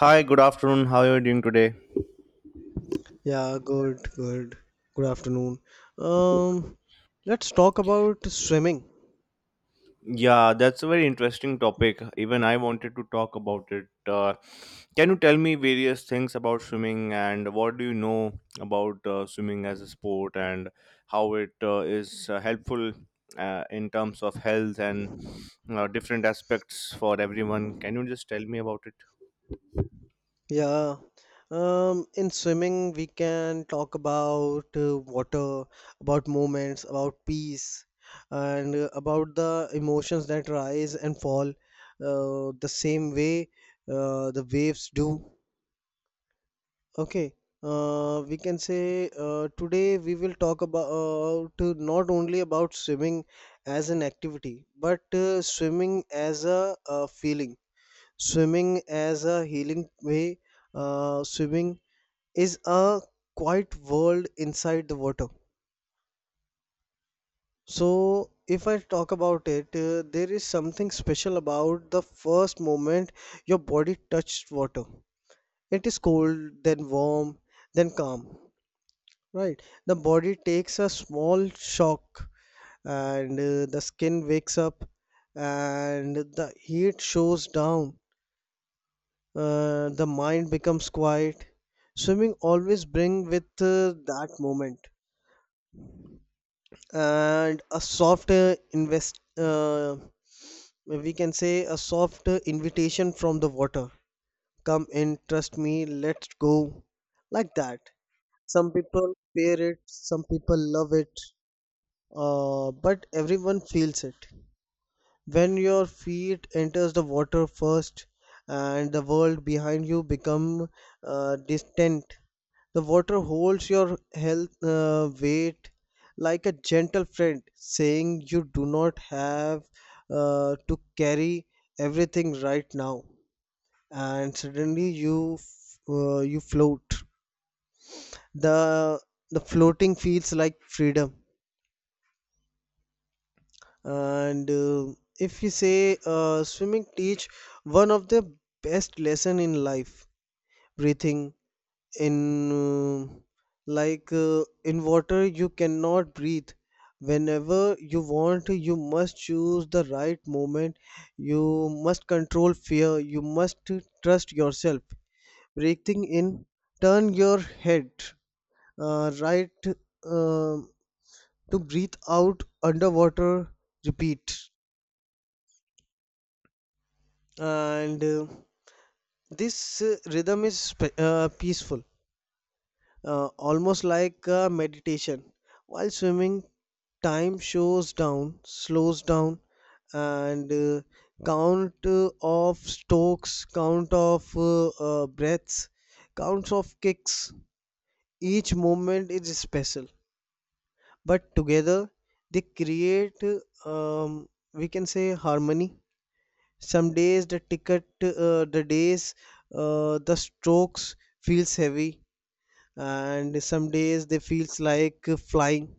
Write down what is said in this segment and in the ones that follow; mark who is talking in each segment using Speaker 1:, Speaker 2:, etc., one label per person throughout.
Speaker 1: Hi, good afternoon. How are you doing today?
Speaker 2: Yeah, good, good. Good afternoon. Um, let's talk about swimming.
Speaker 1: Yeah, that's a very interesting topic. Even I wanted to talk about it. Can you tell me various things about swimming and what do you know about swimming as a sport and how it is helpful in terms of health and different aspects for everyone? Can you just tell me about it?
Speaker 2: Yeah. In swimming, we can talk about water, about moments, about peace, and about the emotions that rise and fall the same way the waves do. Okay, we can say today we will talk about not only about swimming as an activity, but swimming as a, feeling, swimming as a healing way. Swimming is a quiet world inside the water. So, if I talk about it, there is something special about the first moment your body touched water. It is cold, then warm, then calm. Right. The body takes a small shock and the skin wakes up and the heat shows down. The mind becomes quiet. Swimming always bring with that moment and a soft invest we can say a soft invitation from the water. Come in, trust me, let's go. Like that. Some people fear it, some people love it, but everyone feels it. When your feet enters the water first and the world behind you become distant, the water holds your health weight like a gentle friend saying you do not have to carry everything right now, and suddenly you float. The the floating feels like freedom, and if you say swimming teach one of the best lesson in life: breathing in. Like, in water you cannot breathe whenever you want. You must choose the right moment, you must control fear, you must trust yourself. Breathing in, turn your head, right, uh, to breathe out underwater, repeat. And this rhythm is peaceful, almost like meditation. While swimming, time shows down slows down, and count of strokes, count of breaths, counts of kicks. Each moment is special, but together they create uh, um, we can say harmony. Some days the ticket the days the strokes feels heavy, and some days they feels like flying,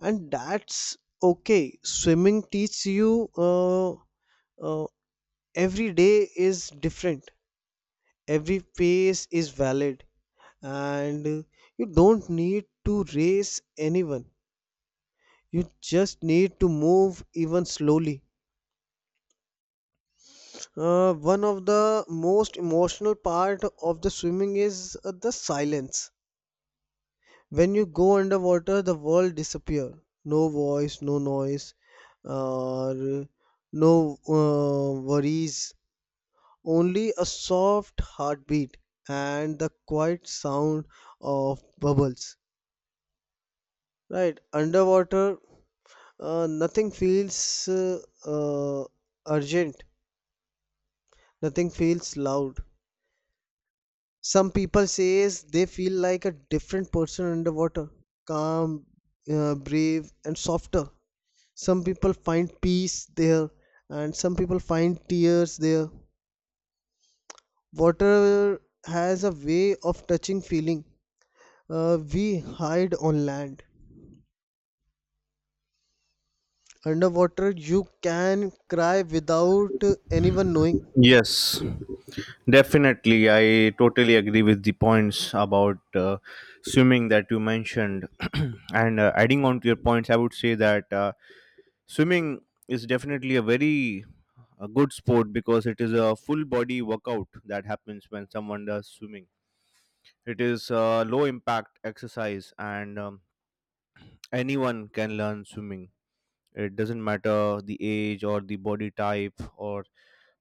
Speaker 2: and that's okay. Swimming teaches you uh, every day is different, every pace is valid, and you don't need to race anyone. You just need to move, even slowly. One of the most emotional part of the swimming is the silence. When you go underwater, the world disappear. No voice, no noise, or no worries. Only a soft heartbeat and the quiet sound of bubbles. Right, underwater, nothing feels uh, urgent. Nothing feels loud. Some people says they feel like a different person underwater: calm, brave, and softer. Some people find peace there, and some people find tears there. Water has a way of touching feeling we hide on land. Underwater you can cry without anyone knowing.
Speaker 1: Yes. Definitely, I totally agree with the points about swimming that you mentioned. And adding on to your
Speaker 2: Yeah,
Speaker 1: points, I would say that swimming is definitely a very good sport because it is a full body workout that happens when someone does swimming. It is a low impact exercise, and anyone can learn swimming. It doesn't matter the age or the body type or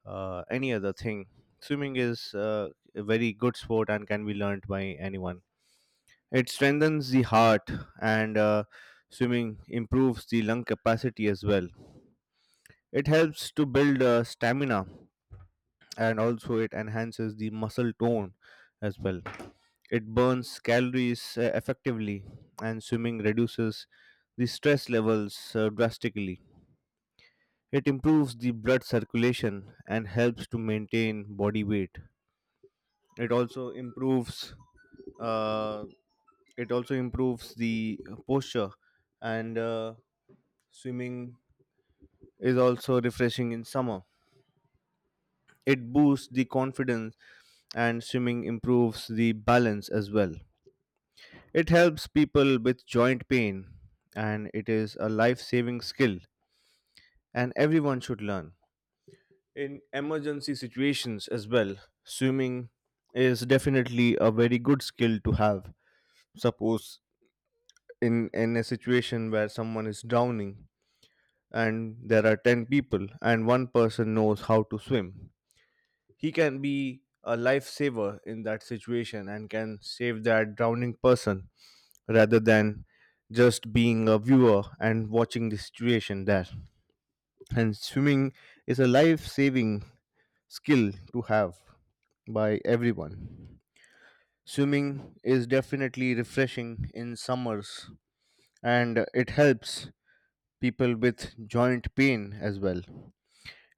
Speaker 1: any other thing. Swimming is a very good sport and can be learned by anyone. It strengthens the heart, and swimming improves the lung capacity as well. It helps to build stamina, and also it enhances the muscle tone as well. It burns calories effectively, and swimming reduces the stress levels drastically. It improves the blood circulation and helps to maintain body weight. It also improves uh, the posture, and swimming is also refreshing in summer. It boosts the confidence, and swimming improves the balance as well. It helps people with joint pain, and it is a life saving skill and everyone should learn. In emergency situations as well, swimming is definitely a very good skill to have. Suppose in a situation where someone is drowning and there are 10 people and one person knows how to swim, he can be a lifesaver in that situation and can save that drowning person, rather than just being a viewer and watching the situation there. And swimming is a life saving skill to have by everyone. Swimming is definitely refreshing in summers, and it helps people with joint pain as well.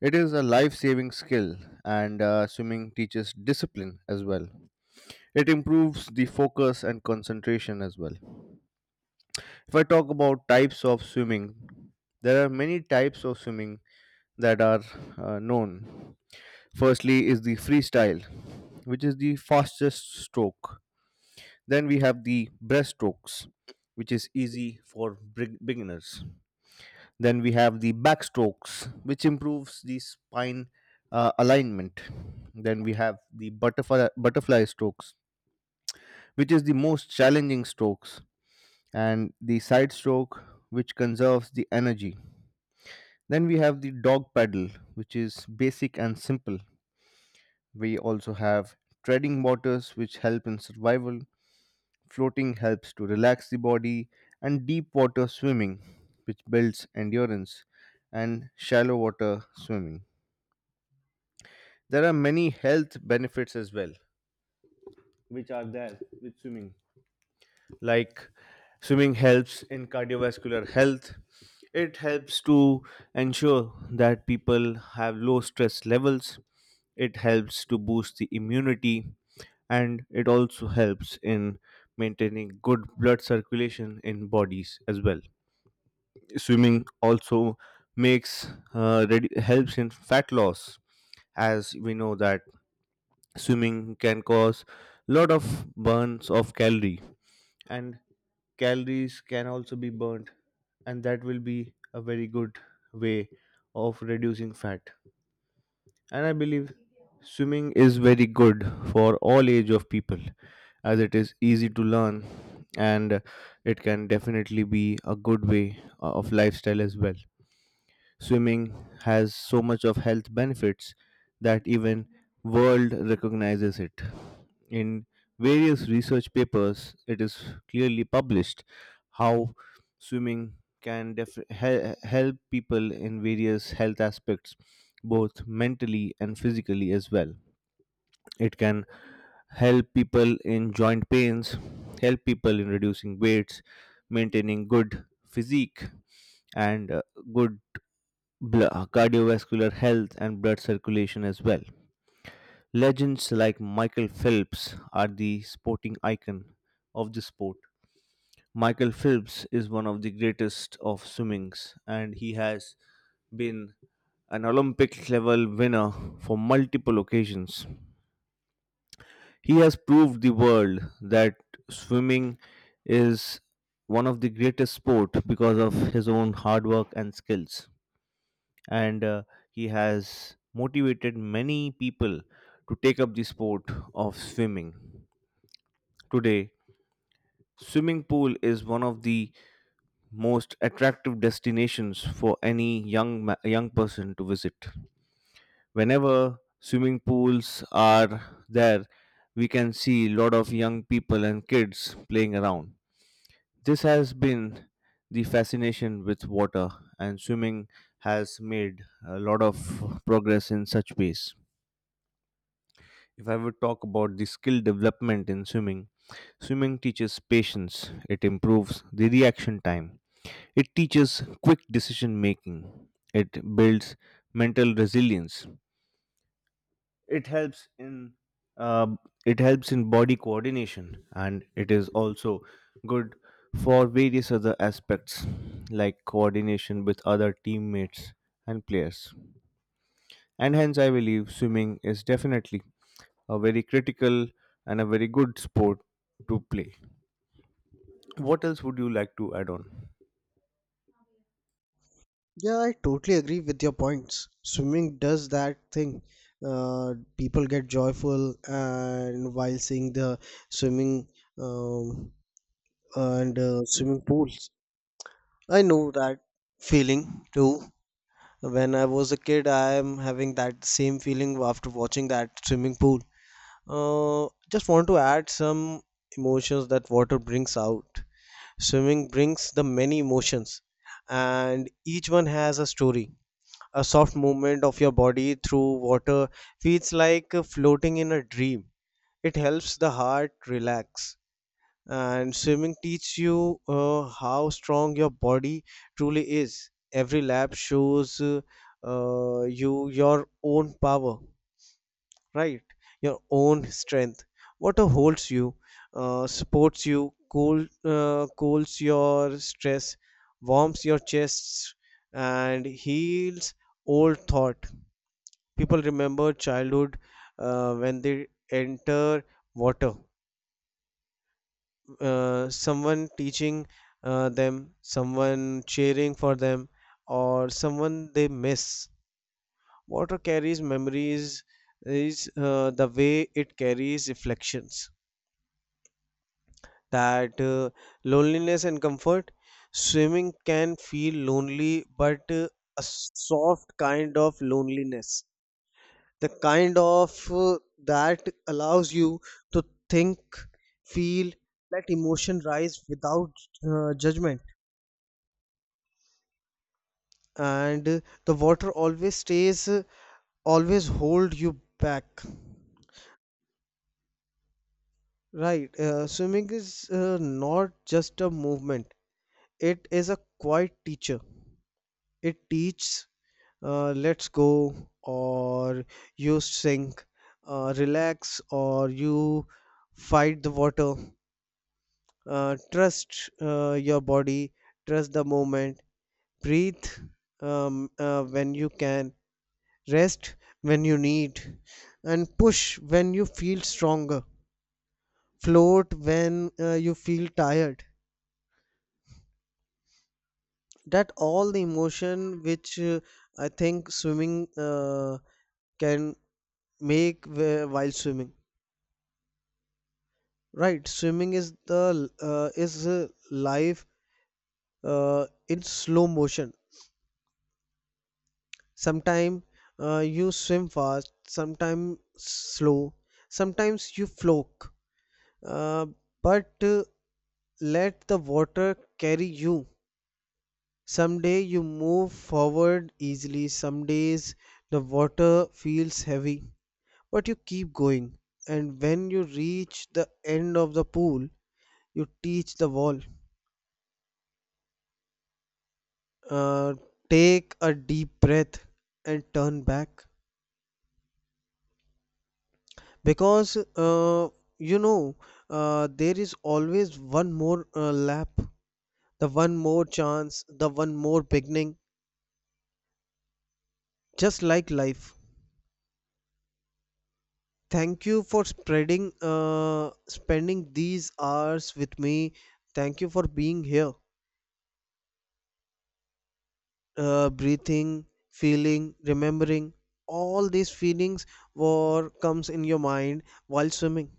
Speaker 1: It is a life saving skill, and swimming teaches discipline as well. It improves the focus and concentration as well. If I talk about types of swimming, there are many types of swimming that are known. Firstly, is the freestyle, which is the fastest stroke. Then we have the breaststrokes, which is easy for beginners. Then we have the backstrokes, which improves the spine alignment. Then we have the butterfly strokes, which is the most challenging strokes, and the side stroke, which conserves the energy. Then we have the dog paddle, which is basic and simple. We also have treading waters, which help in survival. Floating helps to relax the body, and deep water swimming, which builds endurance, and shallow water swimming. There are many health benefits as well, which are there with swimming. Like swimming helps in cardiovascular health. It helps to ensure that people have low stress levels. It helps to boost the immunity, and it also helps in maintaining good blood circulation in bodies as well. Swimming also makes helps in fat loss. As we know that swimming can cause lot of burns of calorie, and calories can also be burnt, and that will be a very good way of reducing fat. And I believe swimming is very good for all age of people, as it is easy to learn, and it can definitely be a good way of lifestyle as well. Swimming has so much of health benefits that even world recognizes it. In various research papers, it is clearly published how swimming can help people in various health aspects, both mentally and physically as well. It can help people in joint pains, help people in reducing weights, maintaining good physique and good cardiovascular health and blood circulation as well. Legends like Michael Phelps are the sporting icon of the sport. Michael Phelps is one of the greatest of swimmings, and he has been an Olympic level winner for multiple occasions. He has proved the world that swimming is one of the greatest sport because of his own hard work and skills, and he has motivated many people to take up the sport of swimming. Today, swimming pool is one of the most attractive destinations for any young person to visit. Whenever swimming pools are there, we can see a lot of young people and kids playing around. This has been the fascination with water, and swimming has made a lot of progress in such ways. If I would talk about the skill development in swimming, swimming teaches patience, it improves the reaction time, it teaches quick decision making, it builds mental resilience, it helps in uh, body coordination, and it is also good for various other aspects like coordination with other teammates and players. And hence, I believe swimming is definitely a very critical and a very good sport to play. What else would you like to add on?
Speaker 2: I totally agree with your points. Swimming does that thing. People get joyful, and while seeing the swimming, um, and swimming pools, I know that feeling too. When I was a kid, I am having that same feeling after watching that swimming pool. Just want to add some emotions that water brings out. Swimming brings the many emotions, and each one has a story. A soft movement of your body through water feels like floating in a dream. It helps the heart relax, and swimming teaches you how strong your body truly is. Every lap shows you your own power, right? Your own strength. Water holds you, supports you, cools your stress, warms your chests, and heals old thought. People remember childhood when they enter water. Someone teaching them, someone cheering for them, or someone they miss. Water carries memories is the way it carries reflections, that loneliness and comfort. Swimming can feel lonely, but a soft kind of loneliness. The kind of that allows you to think, feel, let emotion rise without judgment. And the water always stays, always hold you back. Right. Swimming is not just a movement, it is a quiet teacher. It teaches let's go or you sink, relax or you fight the water, trust your body, trust the moment, breathe when you can, rest when you need, and push when you feel stronger, float when you feel tired. That all the emotion which I think swimming can make while swimming. Right, swimming is the is life in slow motion. Sometimes you swim fast, sometimes slow, sometimes you float. Uh, but let the water carry you. Some day you move forward easily. Some days the water feels heavy, but you keep going. And when you reach the end of the pool, you teach the wall, uh, take a deep breath and turn back, because you know there is always one more lap, the one more chance, the one more beginning, just like life. Thank you for spreading spending these hours with me. Thank you for being here, breathing, feeling, remembering all these feelings, what comes in your mind while swimming.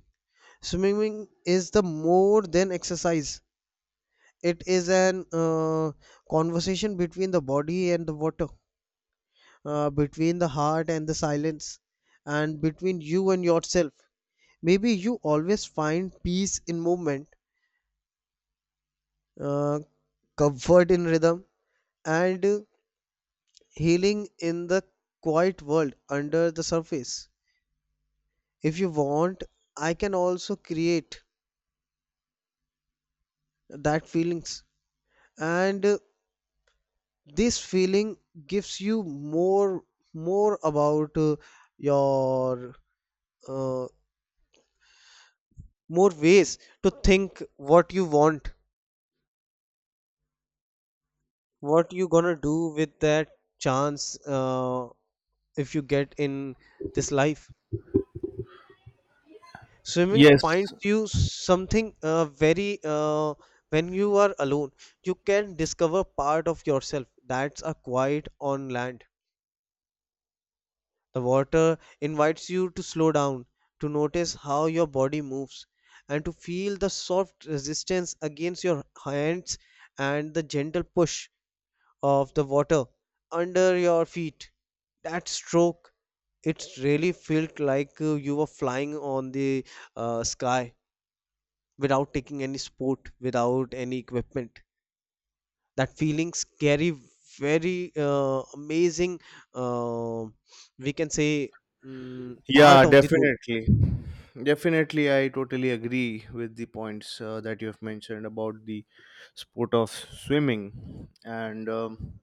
Speaker 2: Swimming is the more than exercise. It is an conversation between the body and the water, between the heart and the silence, and between you and yourself. Maybe you always find peace in movement, uh, comfort in rhythm, and healing in the quiet world under the surface. If you want, I can also create that feelings, and this feeling gives you more more about your uh, more ways to think what you want, what you gonna do with that chance, if you get in this life. Swimming
Speaker 1: Yes,
Speaker 2: finds you something very when you are alone, you can discover part of yourself that's a quiet on land. The water invites you to slow down, to notice how your body moves, and to feel the soft resistance against your hands and the gentle push of the water under your feet. That stroke, it really felt like you were flying on the sky without taking any sport, without any equipment. That feelings carry very amazing, uh, we can say, mm part
Speaker 1: yeah,
Speaker 2: of the role.
Speaker 1: definitely. Definitely, I totally agree with the points that you have mentioned about the sport of swimming. And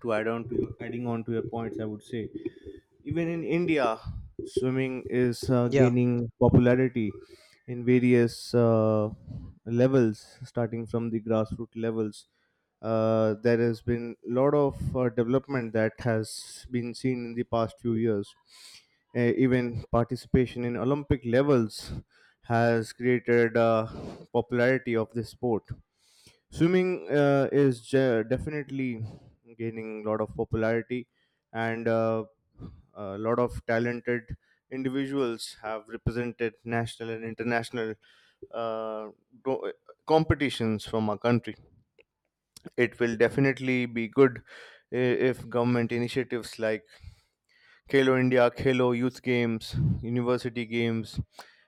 Speaker 1: to add on to adding on to your points, I would say, even in India, swimming is
Speaker 2: Yeah,
Speaker 1: gaining popularity in various levels, starting from the grassroots levels. There has been a lot of development that has been seen in the past few years. Even participation in Olympic levels has created popularity of this sport. Swimming definitely gaining a lot of popularity, and a lot of talented individuals have represented national and international uh, do- competitions from our country. It will definitely be good if government initiatives like Khelo India, Khelo Youth Games, University Games,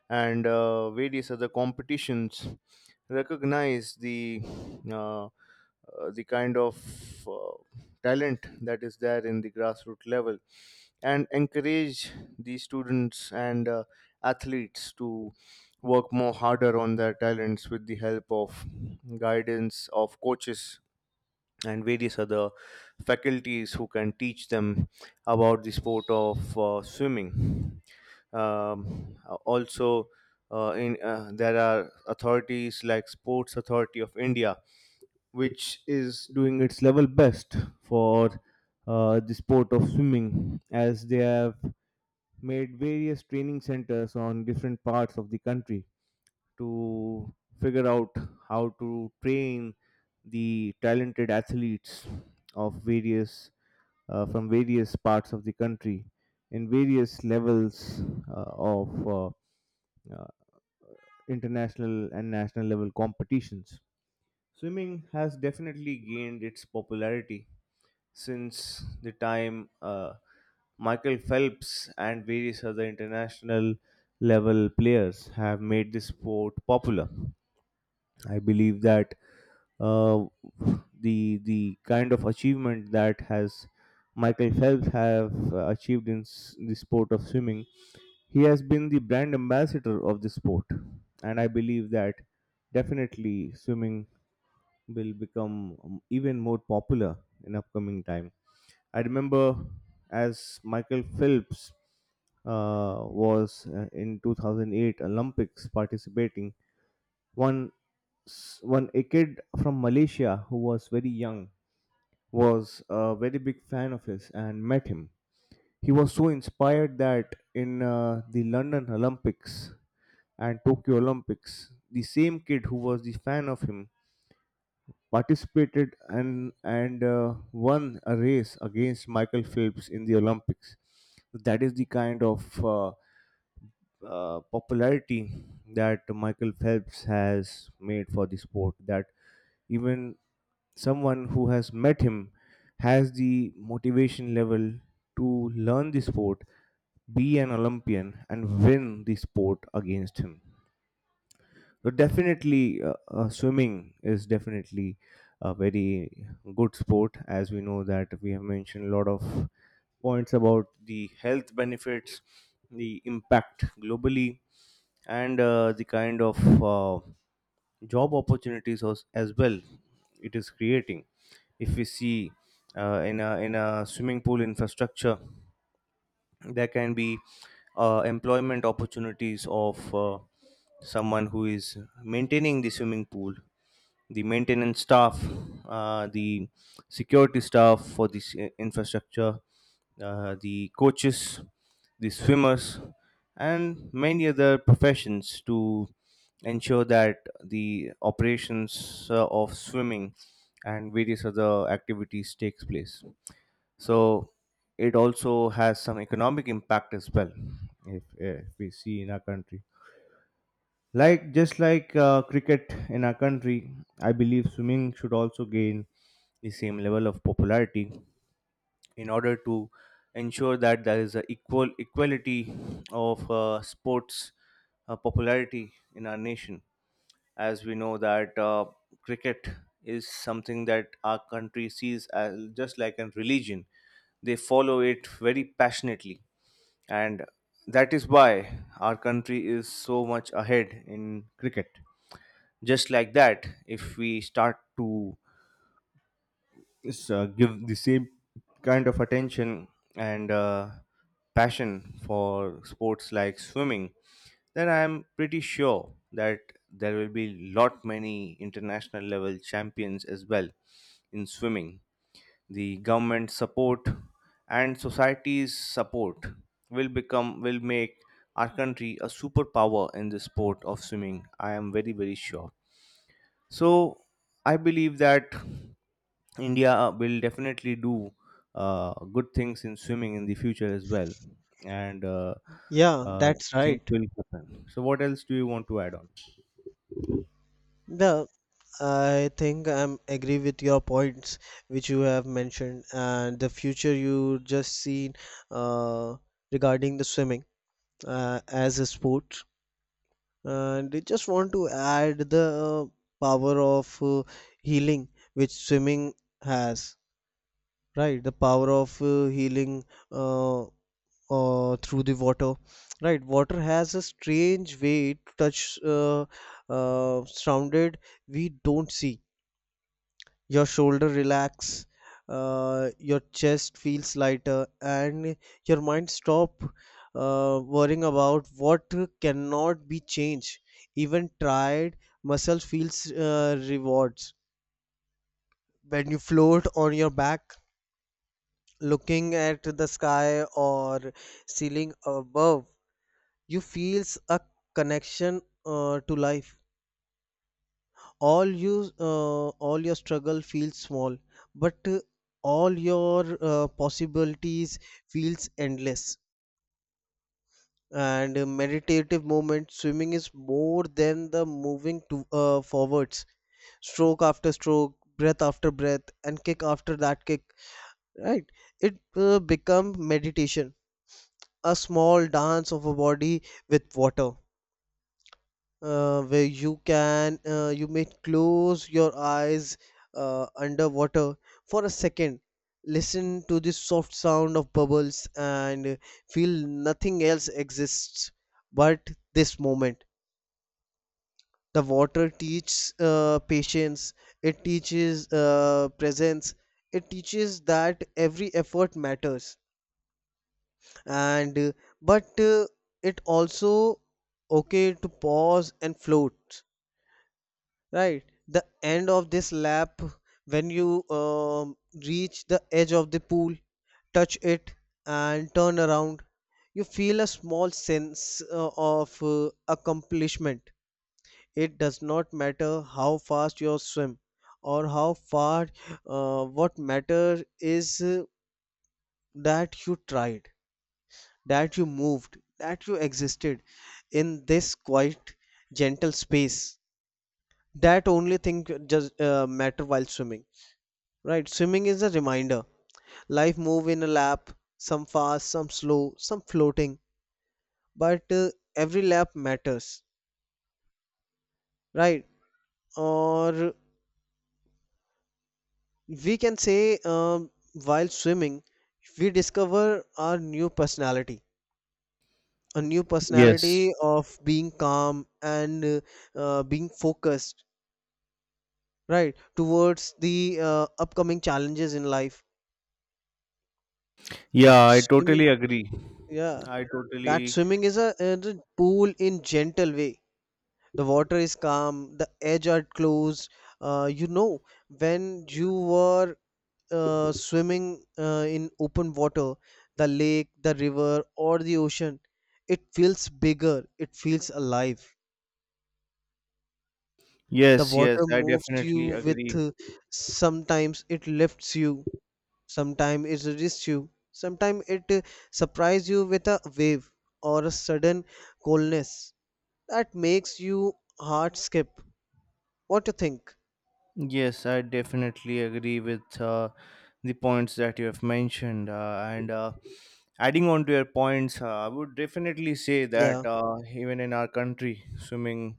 Speaker 1: and various other competitions recognize uh, uh, the kind of talent that is there in the grassroots level and encourage the students and athletes to work more harder on their talents with the help of guidance of coaches and various other faculties who can teach them about the sport of swimming. Um, Also, in there are authorities like Sports Authority of India, which is doing its level best for the sport of swimming, as they have made various training centers on different parts of the country to figure out how to train the talented athletes of various from various parts of the country in various levels uh, of uh, international and national level competitions. Swimming has definitely gained its popularity since the time Michael Phelps and various other international level players have made the sport popular. I believe that uh, the kind of achievement that has Michael Phelps have achieved in the sport of swimming, he has been the brand ambassador of the sport, and I believe that definitely swimming will become even more popular in upcoming time. I remember, as Michael Phelps was in 2008 Olympics participating, one s- one a kid from Malaysia who was very young was a very big fan of his and met him. He was so inspired that in the London Olympics and Tokyo Olympics, the same kid who was the fan of him participated and won a race against Michael Phelps in the Olympics. That is the kind of popularity that Michael Phelps has made for the sport. That even someone who has met him has the motivation level to learn the sport, be an Olympian, and win the sport against him. So definitely, swimming is definitely a very good sport, as we know that we have mentioned a lot of points about the health benefits, the impact globally, and the kind of uh, job opportunities as well it is creating. If we see in a swimming pool infrastructure, there can be employment opportunities of someone who is maintaining the swimming pool, the maintenance staff, the security staff for this infrastructure, the coaches, the swimmers, and many other professions to ensure that the operations of swimming and various other activities takes place. So it also has some economic impact as well. If we see in our country, like just like cricket in our country, I believe swimming should also gain the same level of popularity in order to ensure that there is a equality of sports popularity in our nation. As we know that cricket is something that our country sees as just like a religion, they follow it very passionately, and that is why our country is so much ahead in cricket. Just like that, if we start to is give the same kind of attention and passion for sports like swimming, then I am pretty sure that there will be lot many international level champions as well in swimming. The government support and society's support will make our country a superpower in the sport of swimming. I am very very sure. So I believe that India will definitely do good things in swimming in the future as well, and
Speaker 2: yeah,
Speaker 1: uh,
Speaker 2: that's
Speaker 1: things
Speaker 2: right.
Speaker 1: will happen. So what else do you want to add on?
Speaker 2: Yeah, I think I'm agree with your points which you have mentioned, and the future you just seen uh, regarding the swimming as a sport. And I just want to add the power of healing which swimming has, right? The power of healing uh, through the water. Right, water has a strange way to touch surrounded, we don't see. Your shoulder relax, your chest feels lighter, and your mind stop worrying about what cannot be changed. Even tired muscle feels rewards when you float on your back, looking at the sky or ceiling above, you feels a connection to life. All you all your struggle feels small, but all your possibilities feels endless. And a meditative moment, swimming is more than the moving to forwards, stroke after stroke, breath after breath, and kick after that kick. Right, it become meditation, a small dance of a body with water, where you can you may close your eyes underwater for a second, listen to the soft sound of bubbles, and feel nothing else exists but this moment. The water teaches patience, it teaches presence, it teaches that every effort matters, and but it also okay to pause and float. Right, the end of this lap, when you reach the edge of the pool, touch it, and turn around, you feel a small sense of accomplishment. It does not matter how fast you swim or how far, what matters is that you tried, that you moved, that you existed in this quiet, gentle space. That only thing just matter while swimming. Right, swimming is a reminder. Life move in a lap, some fast, some slow, some floating, but every lap matters. Right? Or we can say while swimming, we discover our new personality, a new
Speaker 1: Yes.
Speaker 2: personality of being calm and being focused, right, towards the upcoming challenges in life.
Speaker 1: Yeah, I totally
Speaker 2: Swimming,
Speaker 1: agree.
Speaker 2: yeah,
Speaker 1: I
Speaker 2: that
Speaker 1: totally
Speaker 2: swimming is is a pool in gentle way. The water is calm, the edge are closed. You know, when you were swimming in open water, the lake, the river, or the ocean, it feels bigger, it feels alive. The
Speaker 1: yes, yes,
Speaker 2: water
Speaker 1: I
Speaker 2: moves you
Speaker 1: definitely
Speaker 2: with,
Speaker 1: agree.
Speaker 2: sometimes it lifts you, sometimes it resists you, sometimes it surprises you with a wave or a sudden coldness that makes you heart skip. What do you think?
Speaker 1: Yes, I definitely agree with the points that you have mentioned. And Adding on to your points, I would definitely say
Speaker 2: Yeah.
Speaker 1: that even in our country, swimming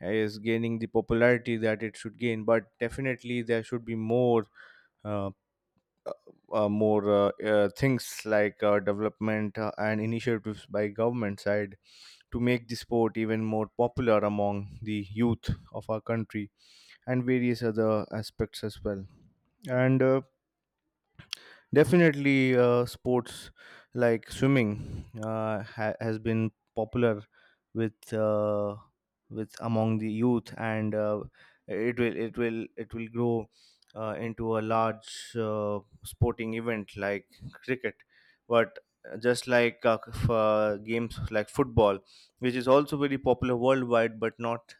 Speaker 1: is gaining the popularity that it should gain. But definitely, there should be more. Uh, more things like development and initiatives by government side to make the sport even more popular among the youth of our country and various other aspects as well, and definitely, sports like swimming has been popular with uh, with among the youth, and it will grow into a large sporting event like cricket. But just like games like football, which is also very popular worldwide, but not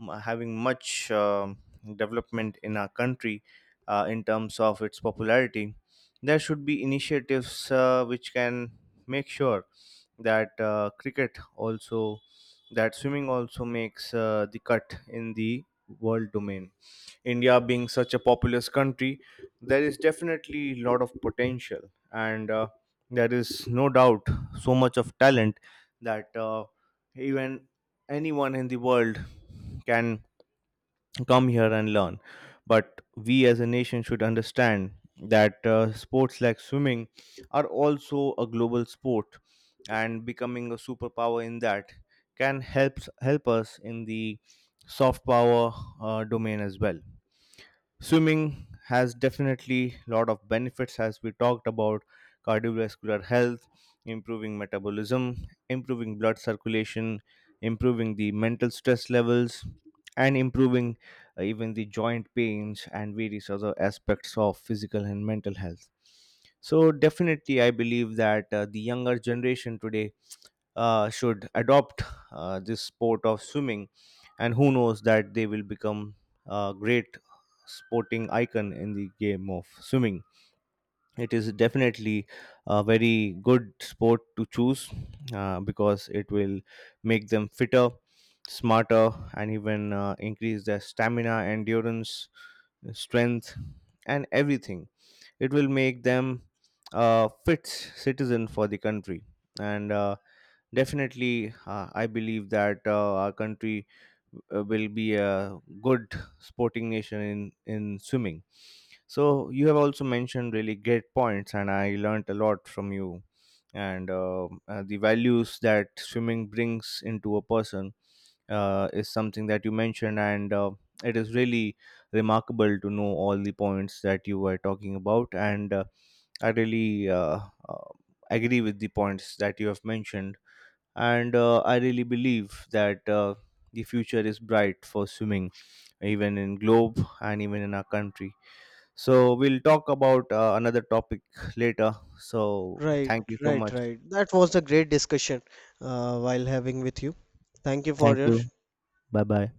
Speaker 1: having much development in our country in terms of its popularity, there should be initiatives which can make sure that cricket also that swimming also makes the cut in the world domain. India being such a populous country, there is definitely a lot of potential, and there is no doubt so much of talent that even anyone in the world can come here and learn. But we as a nation should understand that sports like swimming are also a global sport, and becoming a superpower in that can help us in the soft power domain as well. Swimming has definitely a lot of benefits, as we talked about: cardiovascular health, improving metabolism, improving blood circulation, improving the mental stress levels, and improving even the joint pains and various other aspects of physical and mental health. So definitely I believe that the younger generation today should adopt this sport of swimming, and who knows that they will become great sporting icon in the game of swimming. It is definitely a very good sport to choose because it will make them fitter, smarter, and even increase their stamina, endurance, strength, and everything. It will make them a fit citizen for the country. And Definitely, I believe that our country will be a good sporting nation in swimming. So you have also mentioned really great points, and I learnt a lot from you. And The values that swimming brings into a person is something that you mentioned, and it is really remarkable to know all the points that you were talking about. And I really uh, agree with the points that you have mentioned, and I really believe that the future is bright for swimming, even in globe and even in our country. So we'll talk about another topic later, so
Speaker 2: Right,
Speaker 1: thank you so
Speaker 2: right,
Speaker 1: much.
Speaker 2: right. That was a great discussion while having with you. Thank you for
Speaker 1: Thank
Speaker 2: your
Speaker 1: you. Bye bye.